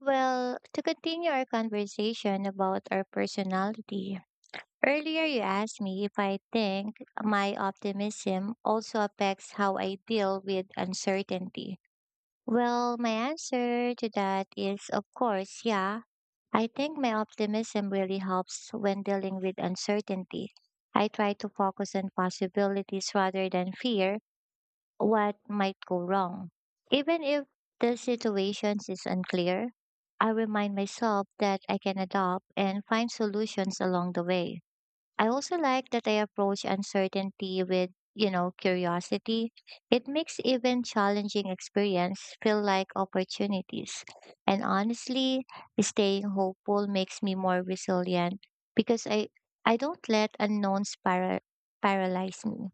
Well, to continue our conversation about our personality, earlier you asked me if I think my optimism also affects how I deal with uncertainty. Well, my answer to that is, of course, yeah. I think my optimism really helps when dealing with uncertainty. I try to focus on possibilities rather than fear what might go wrong. Even if the situation is unclear, I remind myself that I can adapt and find solutions along the way. I also like that I approach uncertainty with, curiosity. It makes even challenging experience feel like opportunities. And honestly, staying hopeful makes me more resilient because I don't let unknowns paralyze me.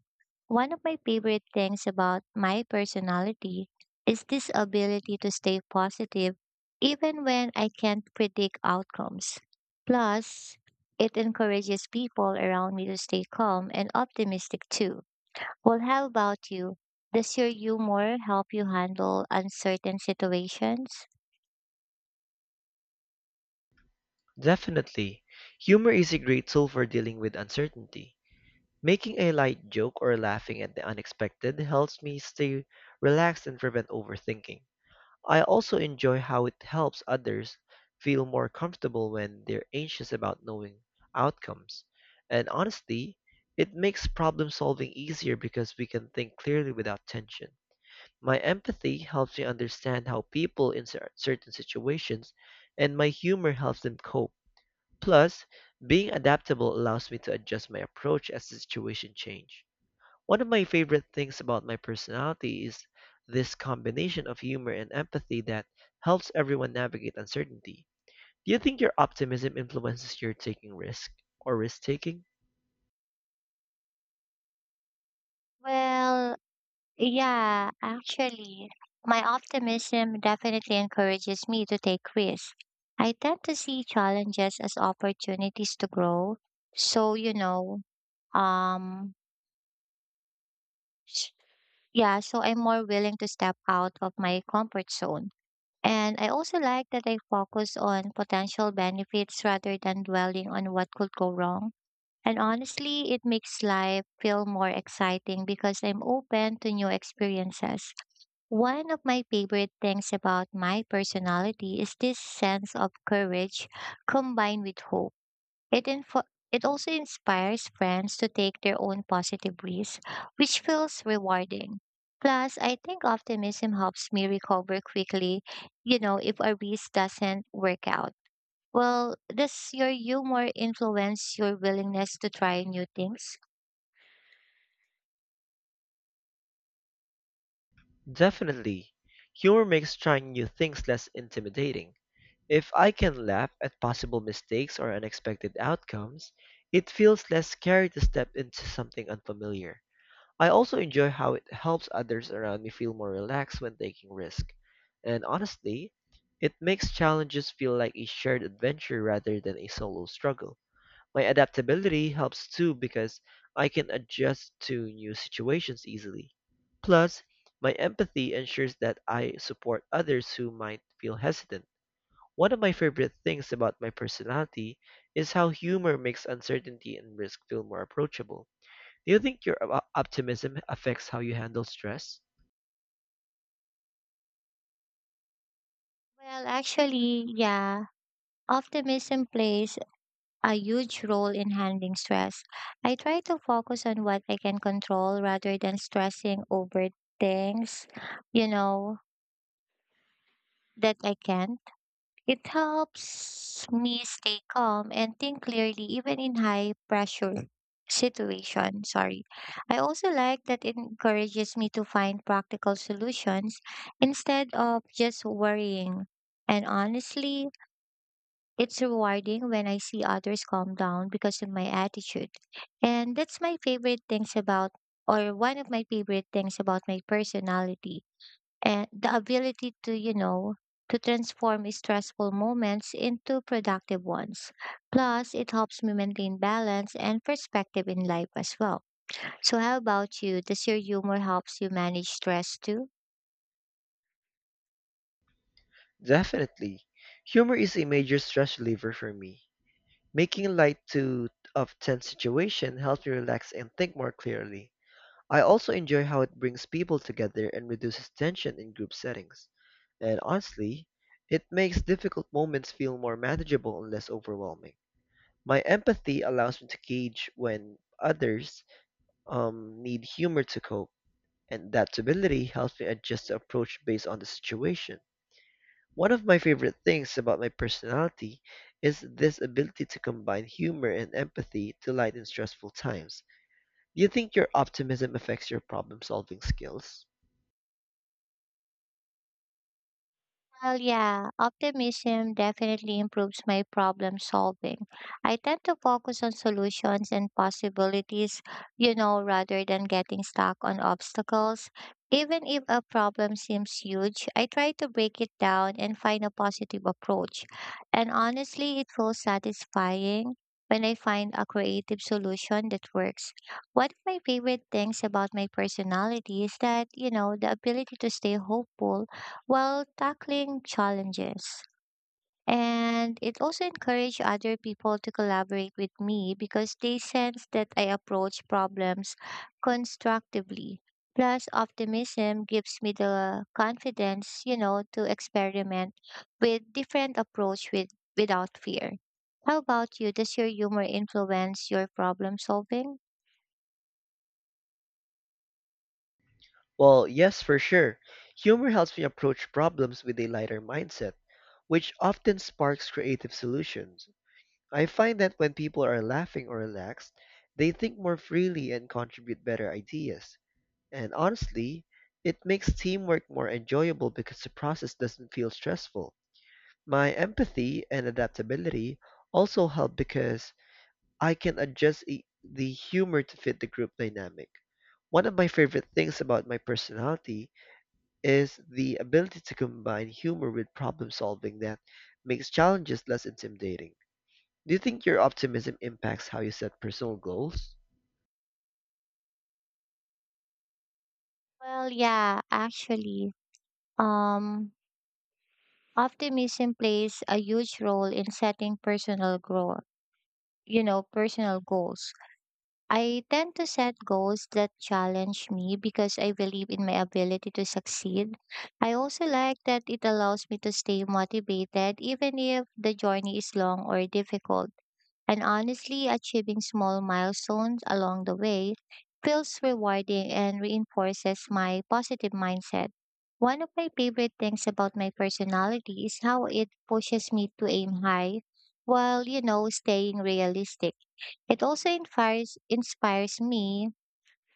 One of my favorite things about my personality is this ability to stay positive even when I can't predict outcomes. Plus, it encourages people around me to stay calm and optimistic too. Well, how about you? Does your humor help you handle uncertain situations? Definitely. Humor is a great tool for dealing with uncertainty. Making a light joke or laughing at the unexpected helps me stay relaxed and prevent overthinking. I also enjoy how it helps others feel more comfortable when they're anxious about knowing outcomes. And honestly, it makes problem solving easier because we can think clearly without tension. My empathy helps me understand how people in certain situations, and my humor helps them cope. Plus, being adaptable allows me to adjust my approach as the situation change. One of my favorite things about my personality is this combination of humor and empathy that helps everyone navigate uncertainty. Do you think your optimism influences your taking risk or risk taking? Well, yeah, actually, my optimism definitely encourages me to take risks. I tend to see challenges as opportunities to grow. So, um, s- yeah, so I'm more willing to step out of my comfort zone. And I also like that I focus on potential benefits rather than dwelling on what could go wrong. And honestly, it makes life feel more exciting because I'm open to new experiences. One of my favorite things about my personality is this sense of courage combined with hope. It also inspires friends to take their own positive risks, which feels rewarding. Plus, I think optimism helps me recover quickly, if a risk doesn't work out. Well, does your humor influence your willingness to try new things? Definitely. Humor makes trying new things less intimidating. If I can laugh at possible mistakes or unexpected outcomes, it feels less scary to step into something unfamiliar. I also enjoy how it helps others around me feel more relaxed when taking risks. And honestly, it makes challenges feel like a shared adventure rather than a solo struggle. My adaptability helps too because I can adjust to new situations easily. Plus, my empathy ensures that I support others who might feel hesitant. One of my favorite things about my personality is how humor makes uncertainty and risk feel more approachable. Do you think your optimism affects how you handle stress? Well, actually, yeah. Optimism plays a huge role in handling stress. I try to focus on what I can control rather than stressing over things, you know, that I can't. It helps me stay calm and think clearly even in high pressure situation. Sorry. I also like that it encourages me to find practical solutions instead of just worrying. And honestly, it's rewarding when I see others calm down because of my attitude. And that's my favorite things about or one of my favorite things about my personality and the ability to, to transform stressful moments into productive ones. Plus, it helps me maintain balance and perspective in life as well. So, how about you? Does your humor helps you manage stress too? Definitely. Humor is a major stress reliever for me. Making light to of tense situation helps me relax and think more clearly. I also enjoy how it brings people together and reduces tension in group settings. And honestly, it makes difficult moments feel more manageable and less overwhelming. My empathy allows me to gauge when others need humor to cope, and that ability helps me adjust the approach based on the situation. One of my favorite things about my personality is this ability to combine humor and empathy to lighten stressful times. Do you think your optimism affects your problem-solving skills? Well, yeah, optimism definitely improves my problem solving. I tend to focus on solutions and possibilities, rather than getting stuck on obstacles. Even if a problem seems huge, I try to break it down and find a positive approach. And honestly, it feels satisfying when I find a creative solution that works. One of my favorite things about my personality is that, the ability to stay hopeful while tackling challenges. And it also encouraged other people to collaborate with me because they sense that I approach problems constructively. Plus, optimism gives me the confidence, to experiment with different approach with without fear. How about you? Does your humor influence your problem solving? Well, yes, for sure. Humor helps me approach problems with a lighter mindset, which often sparks creative solutions. I find that when people are laughing or relaxed, they think more freely and contribute better ideas. And honestly, it makes teamwork more enjoyable because the process doesn't feel stressful. My empathy and adaptability also help because I can adjust the humor to fit the group dynamic. One of my favorite things about my personality is the ability to combine humor with problem solving that makes challenges less intimidating. Do you think your optimism impacts how you set personal goals? Well, yeah, actually, um, optimism plays a huge role in setting personal growth, personal goals. I tend to set goals that challenge me because I believe in my ability to succeed. I also like that it allows me to stay motivated even if the journey is long or difficult. And honestly, achieving small milestones along the way feels rewarding and reinforces my positive mindset. One of my favorite things about my personality is how it pushes me to aim high while, staying realistic. It also inspires me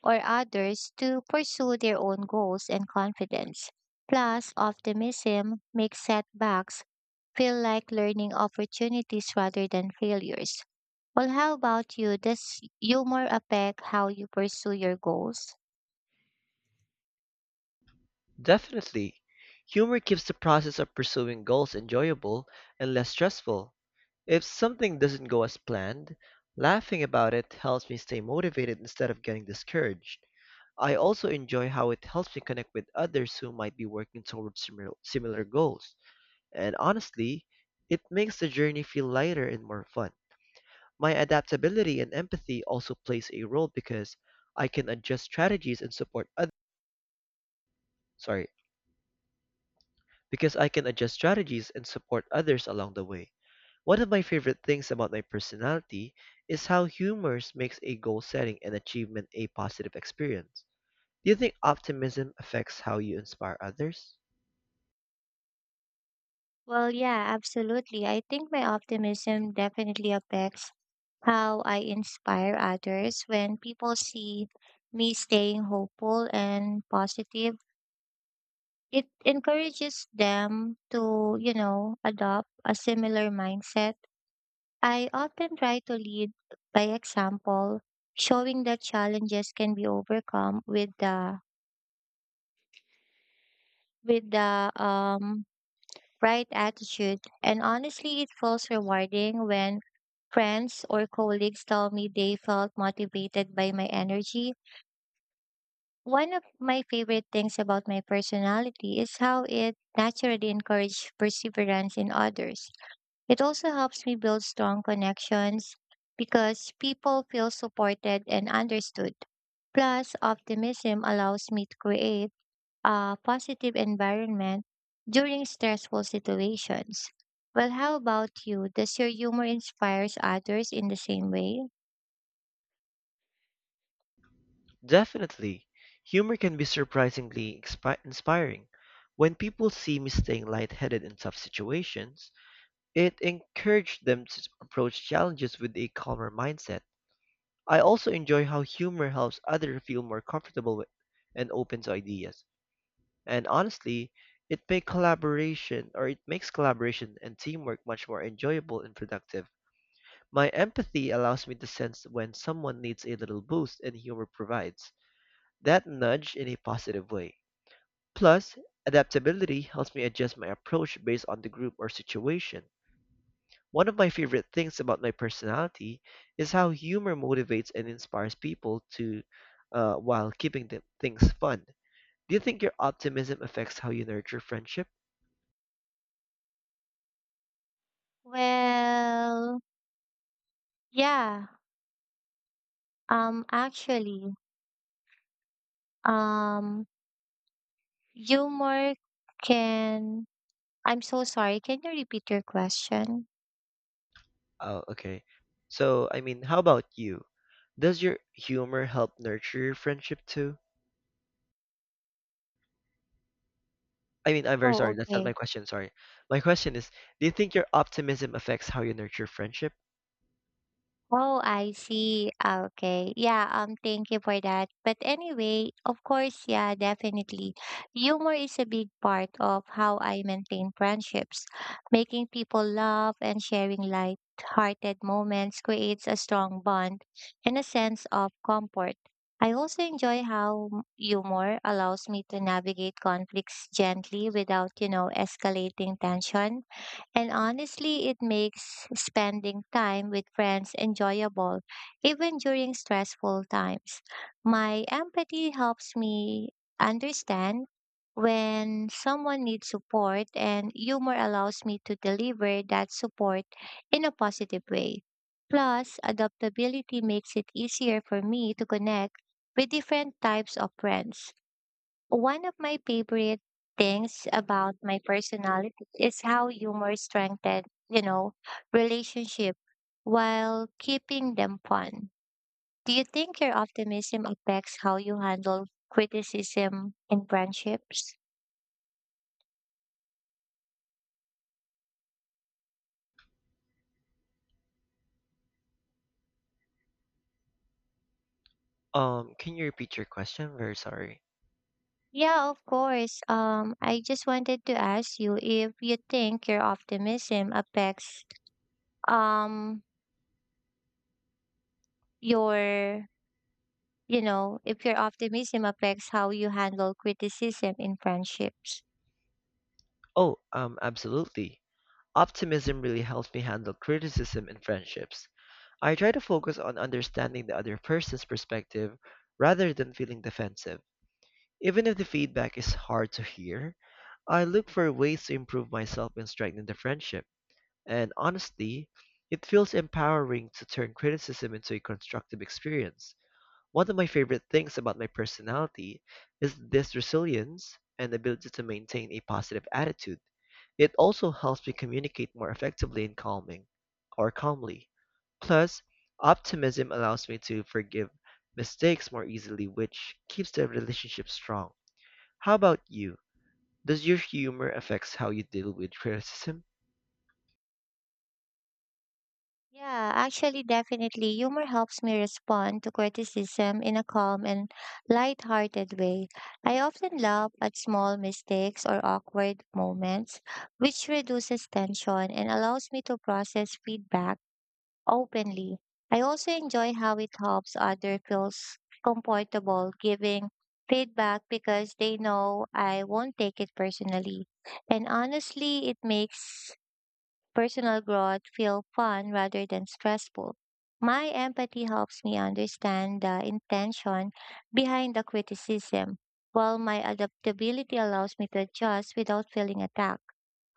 or others to pursue their own goals and confidence. Plus, optimism makes setbacks feel like learning opportunities rather than failures. Well, how about you? Does humor affect how you pursue your goals? Definitely. Humor keeps the process of pursuing goals enjoyable and less stressful. If something doesn't go as planned, laughing about it helps me stay motivated instead of getting discouraged. I also enjoy how it helps me connect with others who might be working towards similar goals. And honestly, it makes the journey feel lighter and more fun. My adaptability and empathy also plays a role because I can adjust strategies and support others. Sorry, because I can adjust strategies and support others along the way. One of my favorite things about my personality is how humor makes a goal setting and achievement a positive experience. Do you think optimism affects how you inspire others? Well, yeah, absolutely. I think my optimism definitely affects how I inspire others when people see me staying hopeful and positive. It encourages them to, adopt a similar mindset. I often try to lead by example, showing that challenges can be overcome with the right attitude. And honestly, it feels rewarding when friends or colleagues tell me they felt motivated by my energy. One of my favorite things about my personality is how it naturally encourages perseverance in others. It also helps me build strong connections because people feel supported and understood. Plus, optimism allows me to create a positive environment during stressful situations. Well, how about you? Does your humor inspires others in the same way? Definitely. Humor can be surprisingly inspiring. When people see me staying lightheaded in tough situations, it encouraged them to approach challenges with a calmer mindset. I also enjoy how humor helps others feel more comfortable with and open to ideas. And honestly, it makes collaboration and teamwork much more enjoyable and productive. My empathy allows me to sense when someone needs a little boost and humor provides that nudge in a positive way. Plus, adaptability helps me adjust my approach based on the group or situation. One of my favorite things about my personality is how humor motivates and inspires people to, while keeping things fun. Do you think your optimism affects how you nurture friendship? Well, yeah. Actually, um, humor can. I'm so sorry. Can you repeat your question? Oh, okay. So, I mean, how about you? Does your humor help nurture your friendship too? I mean, I'm very Oh, sorry. That's not my okay. question. Sorry. My question is, do you think your optimism affects how you nurture friendship? Oh, I see. Ah, okay. Yeah, thank you for that. But anyway, of course, yeah, definitely. Humor is a big part of how I maintain friendships. Making people laugh and sharing light-hearted moments creates a strong bond and a sense of comfort. I also enjoy how humor allows me to navigate conflicts gently without, escalating tension. And honestly, it makes spending time with friends enjoyable, even during stressful times. My empathy helps me understand when someone needs support, and humor allows me to deliver that support in a positive way. Plus, adaptability makes it easier for me to connect with different types of friends. One of my favorite things about my personality is how humor strengthens, relationship while keeping them fun. Do you think your optimism affects how you handle criticism in friendships? Can you repeat your question? Very sorry. Yeah, of course. I just wanted to ask you if you think your optimism affects um your, if your optimism affects how you handle criticism in friendships. Oh, absolutely. Optimism really helps me handle criticism in friendships. I try to focus on understanding the other person's perspective rather than feeling defensive. Even if the feedback is hard to hear, I look for ways to improve myself and strengthen the friendship. And honestly, it feels empowering to turn criticism into a constructive experience. One of my favorite things about my personality is this resilience and ability to maintain a positive attitude. It also helps me communicate more effectively and calming or calmly. Plus, optimism allows me to forgive mistakes more easily, which keeps the relationship strong. How about you? Does your humor affects how you deal with criticism? Yeah, actually, definitely. Humor helps me respond to criticism in a calm and light-hearted way. I often laugh at small mistakes or awkward moments, which reduces tension and allows me to process feedback openly. I also enjoy how it helps others feel comfortable giving feedback because they know I won't take it personally. And honestly, it makes personal growth feel fun rather than stressful. My empathy helps me understand the intention behind the criticism, while my adaptability allows me to adjust without feeling attacked.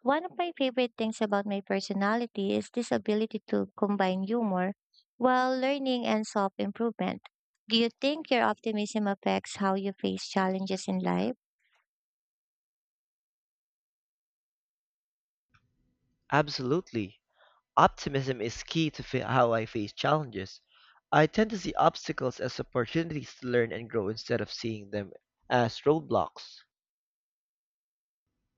One of my favorite things about my personality is this ability to combine humor while learning and self improvement. Do you think your optimism affects how you face challenges in life? Absolutely. Optimism is key to how I face challenges. I tend to see obstacles as opportunities to learn and grow instead of seeing them as roadblocks.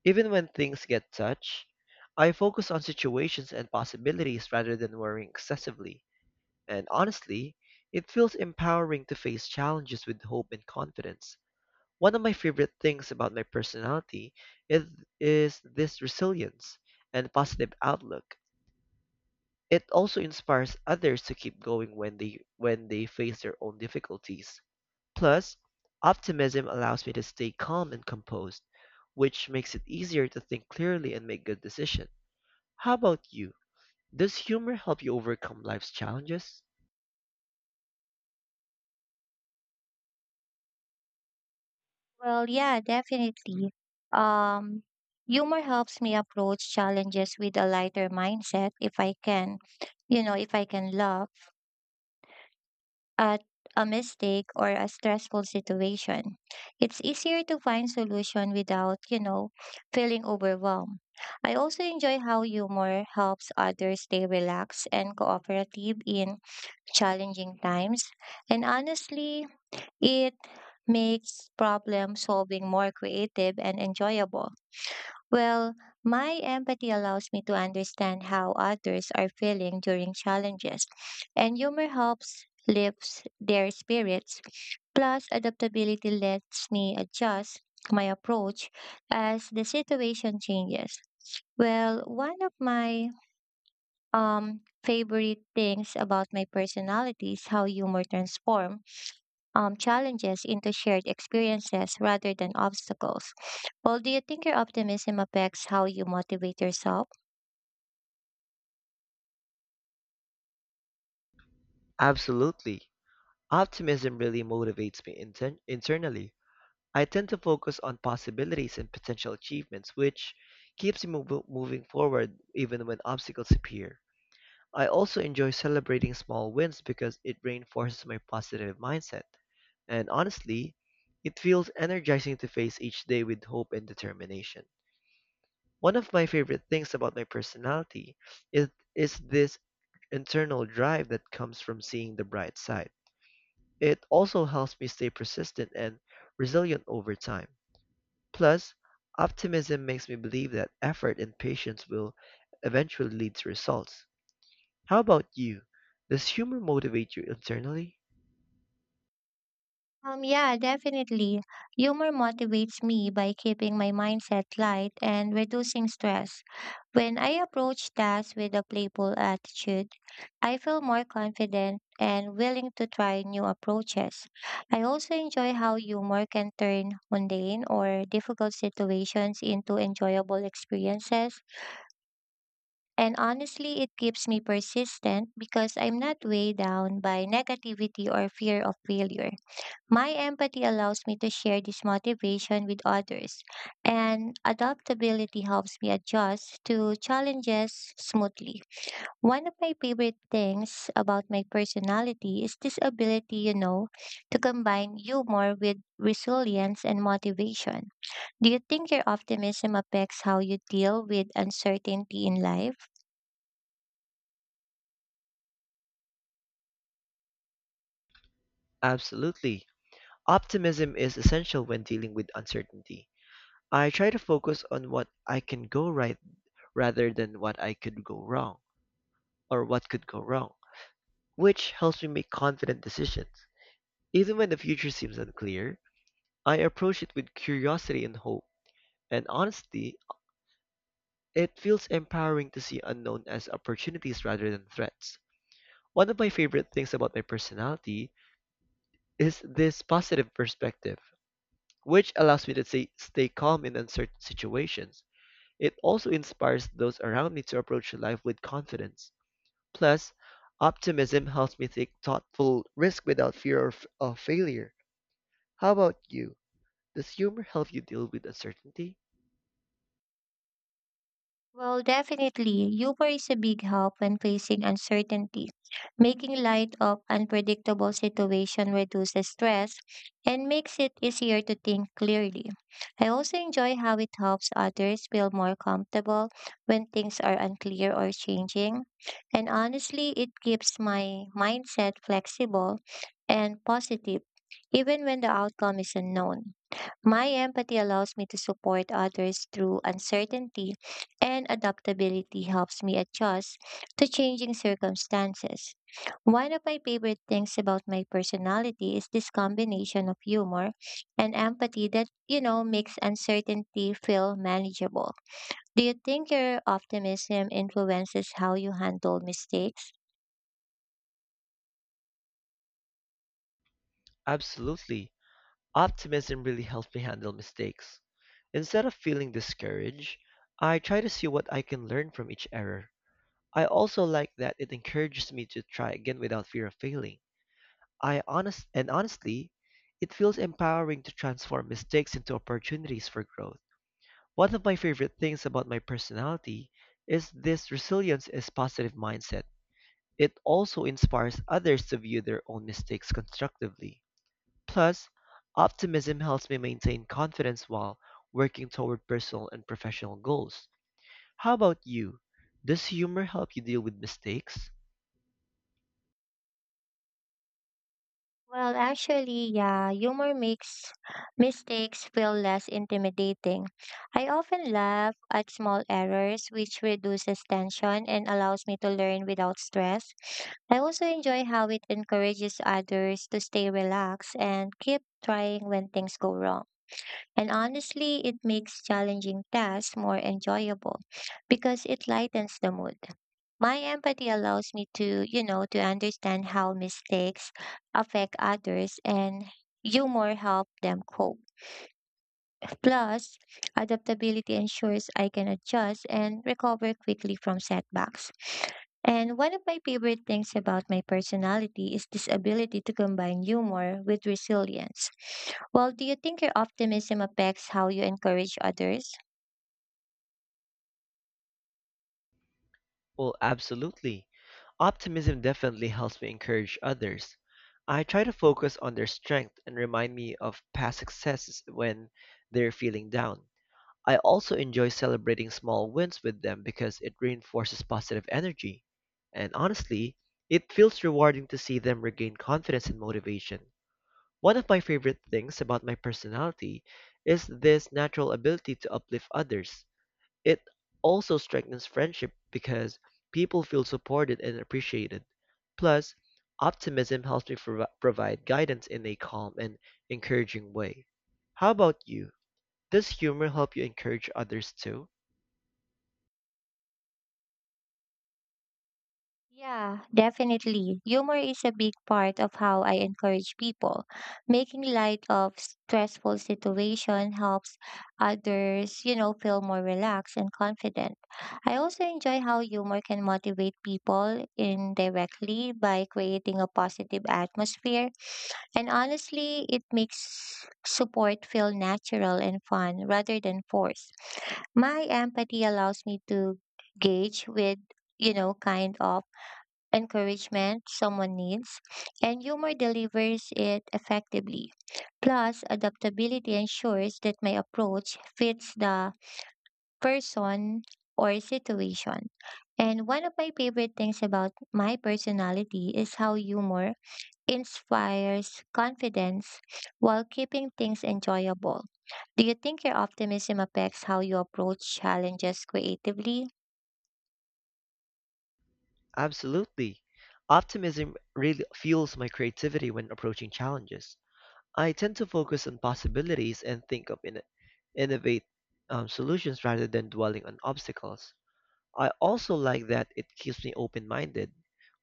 Even when things get touch, I focus on situations and possibilities rather than worrying excessively. And honestly, it feels empowering to face challenges with hope and confidence. One of my favorite things about my personality is, is this resilience and positive outlook. It also inspires others to keep going when they face their own difficulties. Plus, optimism allows me to stay calm and composed, which makes it easier to think clearly and make good decisions. How about you? Does humor help you overcome life's challenges? Well, yeah, definitely. Um, humor helps me approach challenges with a lighter mindset if I can, if I can laugh at a mistake or a stressful situation. It's easier to find solution without, feeling overwhelmed. I also enjoy how humor helps others stay relaxed and cooperative in challenging times. And honestly, it makes problem solving more creative and enjoyable. Well, my empathy allows me to understand how others are feeling during challenges, and humor helps lifts their spirits. Plus, adaptability lets me adjust my approach as the situation changes. Well, one of my favorite things about my personality is how humor transforms challenges into shared experiences rather than obstacles. Well, do you think your optimism affects how you motivate yourself? Absolutely. Optimism really motivates me internally. I tend to focus on possibilities and potential achievements, which keeps me moving forward even when obstacles appear. I also enjoy celebrating small wins because it reinforces my positive mindset. And honestly, it feels energizing to face each day with hope and determination. One of my favorite things about my personality is, is this internal drive that comes from seeing the bright side. It also helps me stay persistent and resilient over time. Plus, optimism makes me believe that effort and patience will eventually lead to results. How about you? Does humor motivate you internally? Yeah, definitely. Humor motivates me by keeping my mindset light and reducing stress. When I approach tasks with a playful attitude, I feel more confident and willing to try new approaches. I also enjoy how humor can turn mundane or difficult situations into enjoyable experiences. And honestly, it keeps me persistent because I'm not weighed down by negativity or fear of failure. My empathy allows me to share this motivation with others, and adaptability helps me adjust to challenges smoothly. One of my favorite things about my personality is this ability, to combine humor with resilience and motivation. Do you think your optimism affects how you deal with uncertainty in life? Absolutely. Optimism is essential when dealing with uncertainty. I try to focus on what I can go right rather than what could go wrong, which helps me make confident decisions. Even when the future seems unclear, I approach it with curiosity and hope, and honesty. It feels empowering to see unknown as opportunities rather than threats. One of my favorite things about my personality is this positive perspective, which allows me to stay calm in uncertain situations. It also inspires those around me to approach life with confidence. Plus, optimism helps me take thoughtful risk without fear of failure. How about you? Does humor help you deal with uncertainty? Well, definitely, humor is a big help when facing uncertainty. Making light of unpredictable situation reduces stress and makes it easier to think clearly. I also enjoy how it helps others feel more comfortable when things are unclear or changing. And honestly, it keeps my mindset flexible and positive, even when the outcome is unknown. My empathy allows me to support others through uncertainty, and adaptability helps me adjust to changing circumstances. One of my favorite things about my personality is this combination of humor and empathy that, makes uncertainty feel manageable. Do you think your optimism influences how you handle mistakes? Absolutely. Optimism really helps me handle mistakes. Instead of feeling discouraged, I try to see what I can learn from each error. I also like that it encourages me to try again without fear of failing. I honest and Honestly, it feels empowering to transform mistakes into opportunities for growth. One of my favorite things about my personality is this resilience is positive mindset. It also inspires others to view their own mistakes constructively. Plus, optimism helps me maintain confidence while working toward personal and professional goals. How about you? Does humor help you deal with mistakes? Well, actually, yeah, humor makes mistakes feel less intimidating. I often laugh at small errors, which reduces tension and allows me to learn without stress. I also enjoy how it encourages others to stay relaxed and keep trying when things go wrong. And honestly, it makes challenging tasks more enjoyable because it lightens the mood. My empathy allows me to, to understand how mistakes affect others and humor help them cope. Plus, adaptability ensures I can adjust and recover quickly from setbacks. And one of my favorite things about my personality is this ability to combine humor with resilience. Well, do you think your optimism affects how you encourage others? Well, absolutely. Optimism definitely helps me encourage others. I try to focus on their strength and remind me of past successes when they're feeling down. I also enjoy celebrating small wins with them because it reinforces positive energy. And honestly, it feels rewarding to see them regain confidence and motivation. One of my favorite things about my personality is this natural ability to uplift others. It also strengthens friendship because people feel supported and appreciated. Plus, optimism helps me provide guidance in a calm and encouraging way. How about you? Does humor help you encourage others too? Yeah, definitely. Humor is a big part of how I encourage people. Making light of stressful situation helps others, feel more relaxed and confident. I also enjoy how humor can motivate people indirectly by creating a positive atmosphere. And honestly, it makes support feel natural and fun rather than forced. My empathy allows me to gauge with, kind of encouragement someone needs, and humor delivers it effectively. Plus, adaptability ensures that my approach fits the person or situation. And one of my favorite things about my personality is how humor inspires confidence while keeping things enjoyable. Do you think your optimism affects how you approach challenges creatively? Absolutely. Optimism really fuels my creativity when approaching challenges. I tend to focus on possibilities and think of innovate solutions rather than dwelling on obstacles. I also like that it keeps me open-minded,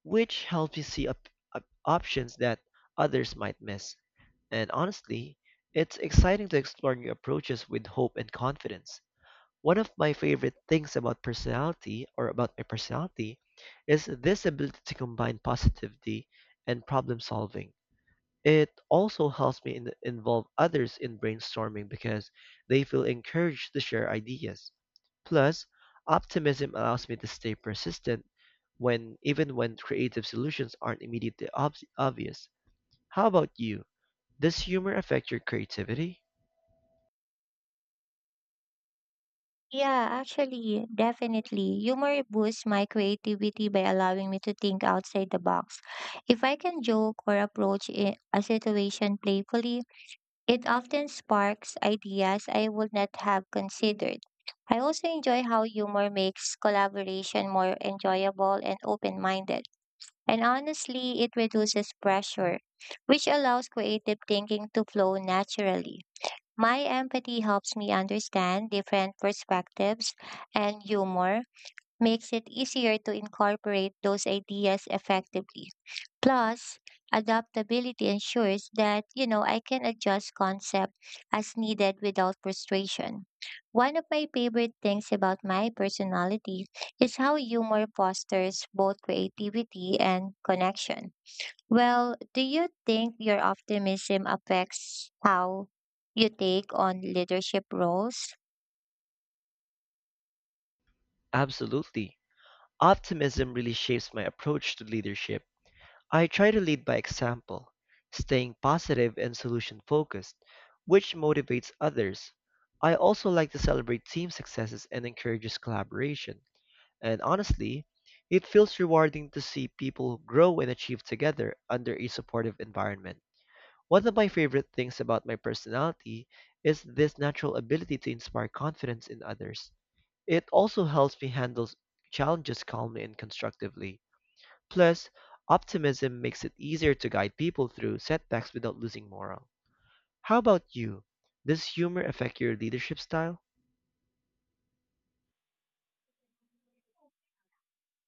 which helps me see up options that others might miss. And honestly, it's exciting to explore new approaches with hope and confidence. One of my favorite things about personality or about my personality is this ability to combine positivity and problem solving. It also helps me involve others in brainstorming because they feel encouraged to share ideas. Plus, optimism allows me to stay persistent when even when creative solutions aren't immediately obvious. How about you? Does humor affect your creativity? Yeah, actually, definitely. Humor boosts my creativity by allowing me to think outside the box. If I can joke or approach a situation playfully, it often sparks ideas I would not have considered. I also enjoy how humor makes collaboration more enjoyable and open minded. And honestly, it reduces pressure, which allows creative thinking to flow naturally. My empathy helps me understand different perspectives, and humor makes it easier to incorporate those ideas effectively. Plus, adaptability ensures that, I can adjust concept as needed without frustration. One of my favorite things about my personality is how humor fosters both creativity and connection. Well, do you think your optimism affects how you take on leadership roles? Absolutely. Optimism really shapes my approach to leadership. I try to lead by example, staying positive and solution focused, which motivates others. I also like to celebrate team successes and encourages collaboration. And honestly, it feels rewarding to see people grow and achieve together under a supportive environment. One of my favorite things about my personality is this natural ability to inspire confidence in others. It also helps me handle challenges calmly and constructively. Plus, optimism makes it easier to guide people through setbacks without losing morale. How about you? Does humor affect your leadership style?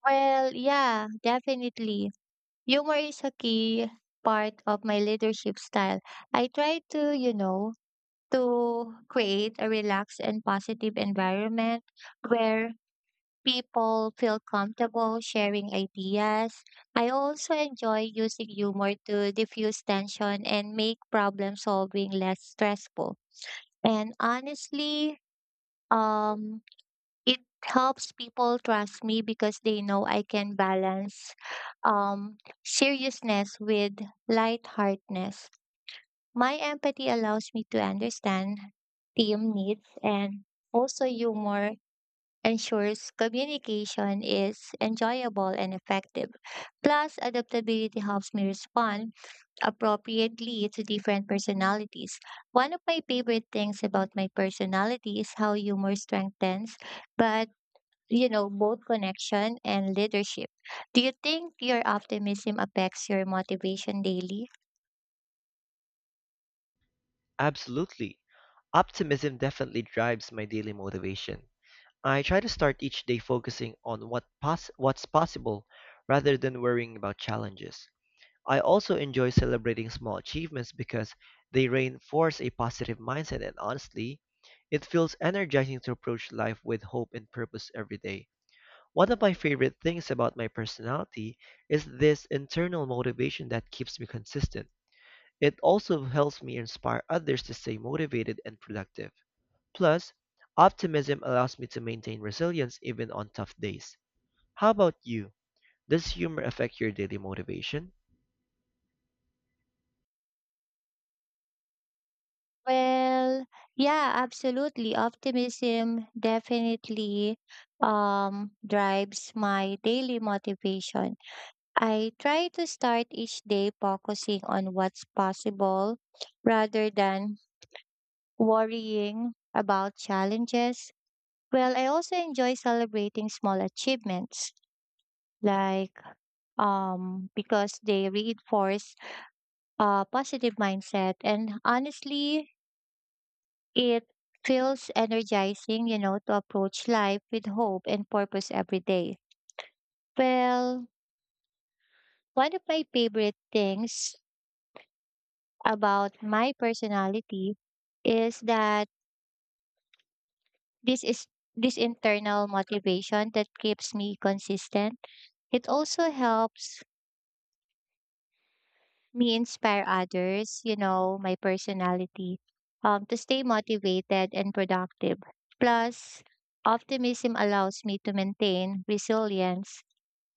Well, yeah, definitely. Humor is a key part of my leadership style. I try to, to create a relaxed and positive environment where people feel comfortable sharing ideas. I also enjoy using humor to diffuse tension and make problem solving less stressful. And honestly, um, it helps people trust me because they know I can balance um, seriousness with lightheartedness. My empathy allows me to understand team needs and also humor ensures communication is enjoyable and effective. Plus, adaptability helps me respond appropriately to different personalities. One of my favorite things about my personality is how humor strengthens, but both connection and leadership. Do you think your optimism affects your motivation daily? Absolutely. Optimism definitely drives my daily motivation. I try to start each day focusing on what's possible rather than worrying about challenges. I also enjoy celebrating small achievements because they reinforce a positive mindset and honestly, it feels energizing to approach life with hope and purpose every day. One of my favorite things about my personality is this internal motivation that keeps me consistent. It also helps me inspire others to stay motivated and productive. Plus, optimism allows me to maintain resilience even on tough days. How about you? Does humor affect your daily motivation? Well, yeah, absolutely. Optimism definitely drives my daily motivation. I try to start each day focusing on what's possible rather than worrying about challenges. Well, I also enjoy celebrating small achievements, like because they reinforce a positive mindset. And honestly, it feels energizing, to approach life with hope and purpose every day. Well, one of my favorite things about my personality is that this is this internal motivation that keeps me consistent. It also helps me inspire others, to stay motivated and productive. Plus, optimism allows me to maintain resilience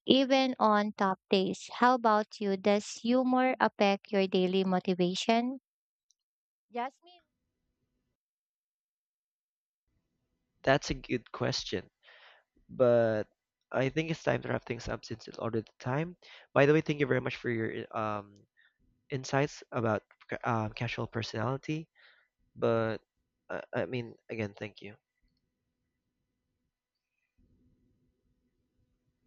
even on top days. How about you? Does humor affect your daily motivation? Jasmine? That's a good question, but I think it's time to wrap things up since it's already time. By the way, thank you very much for your insights about casual personality. But I mean, again, thank you.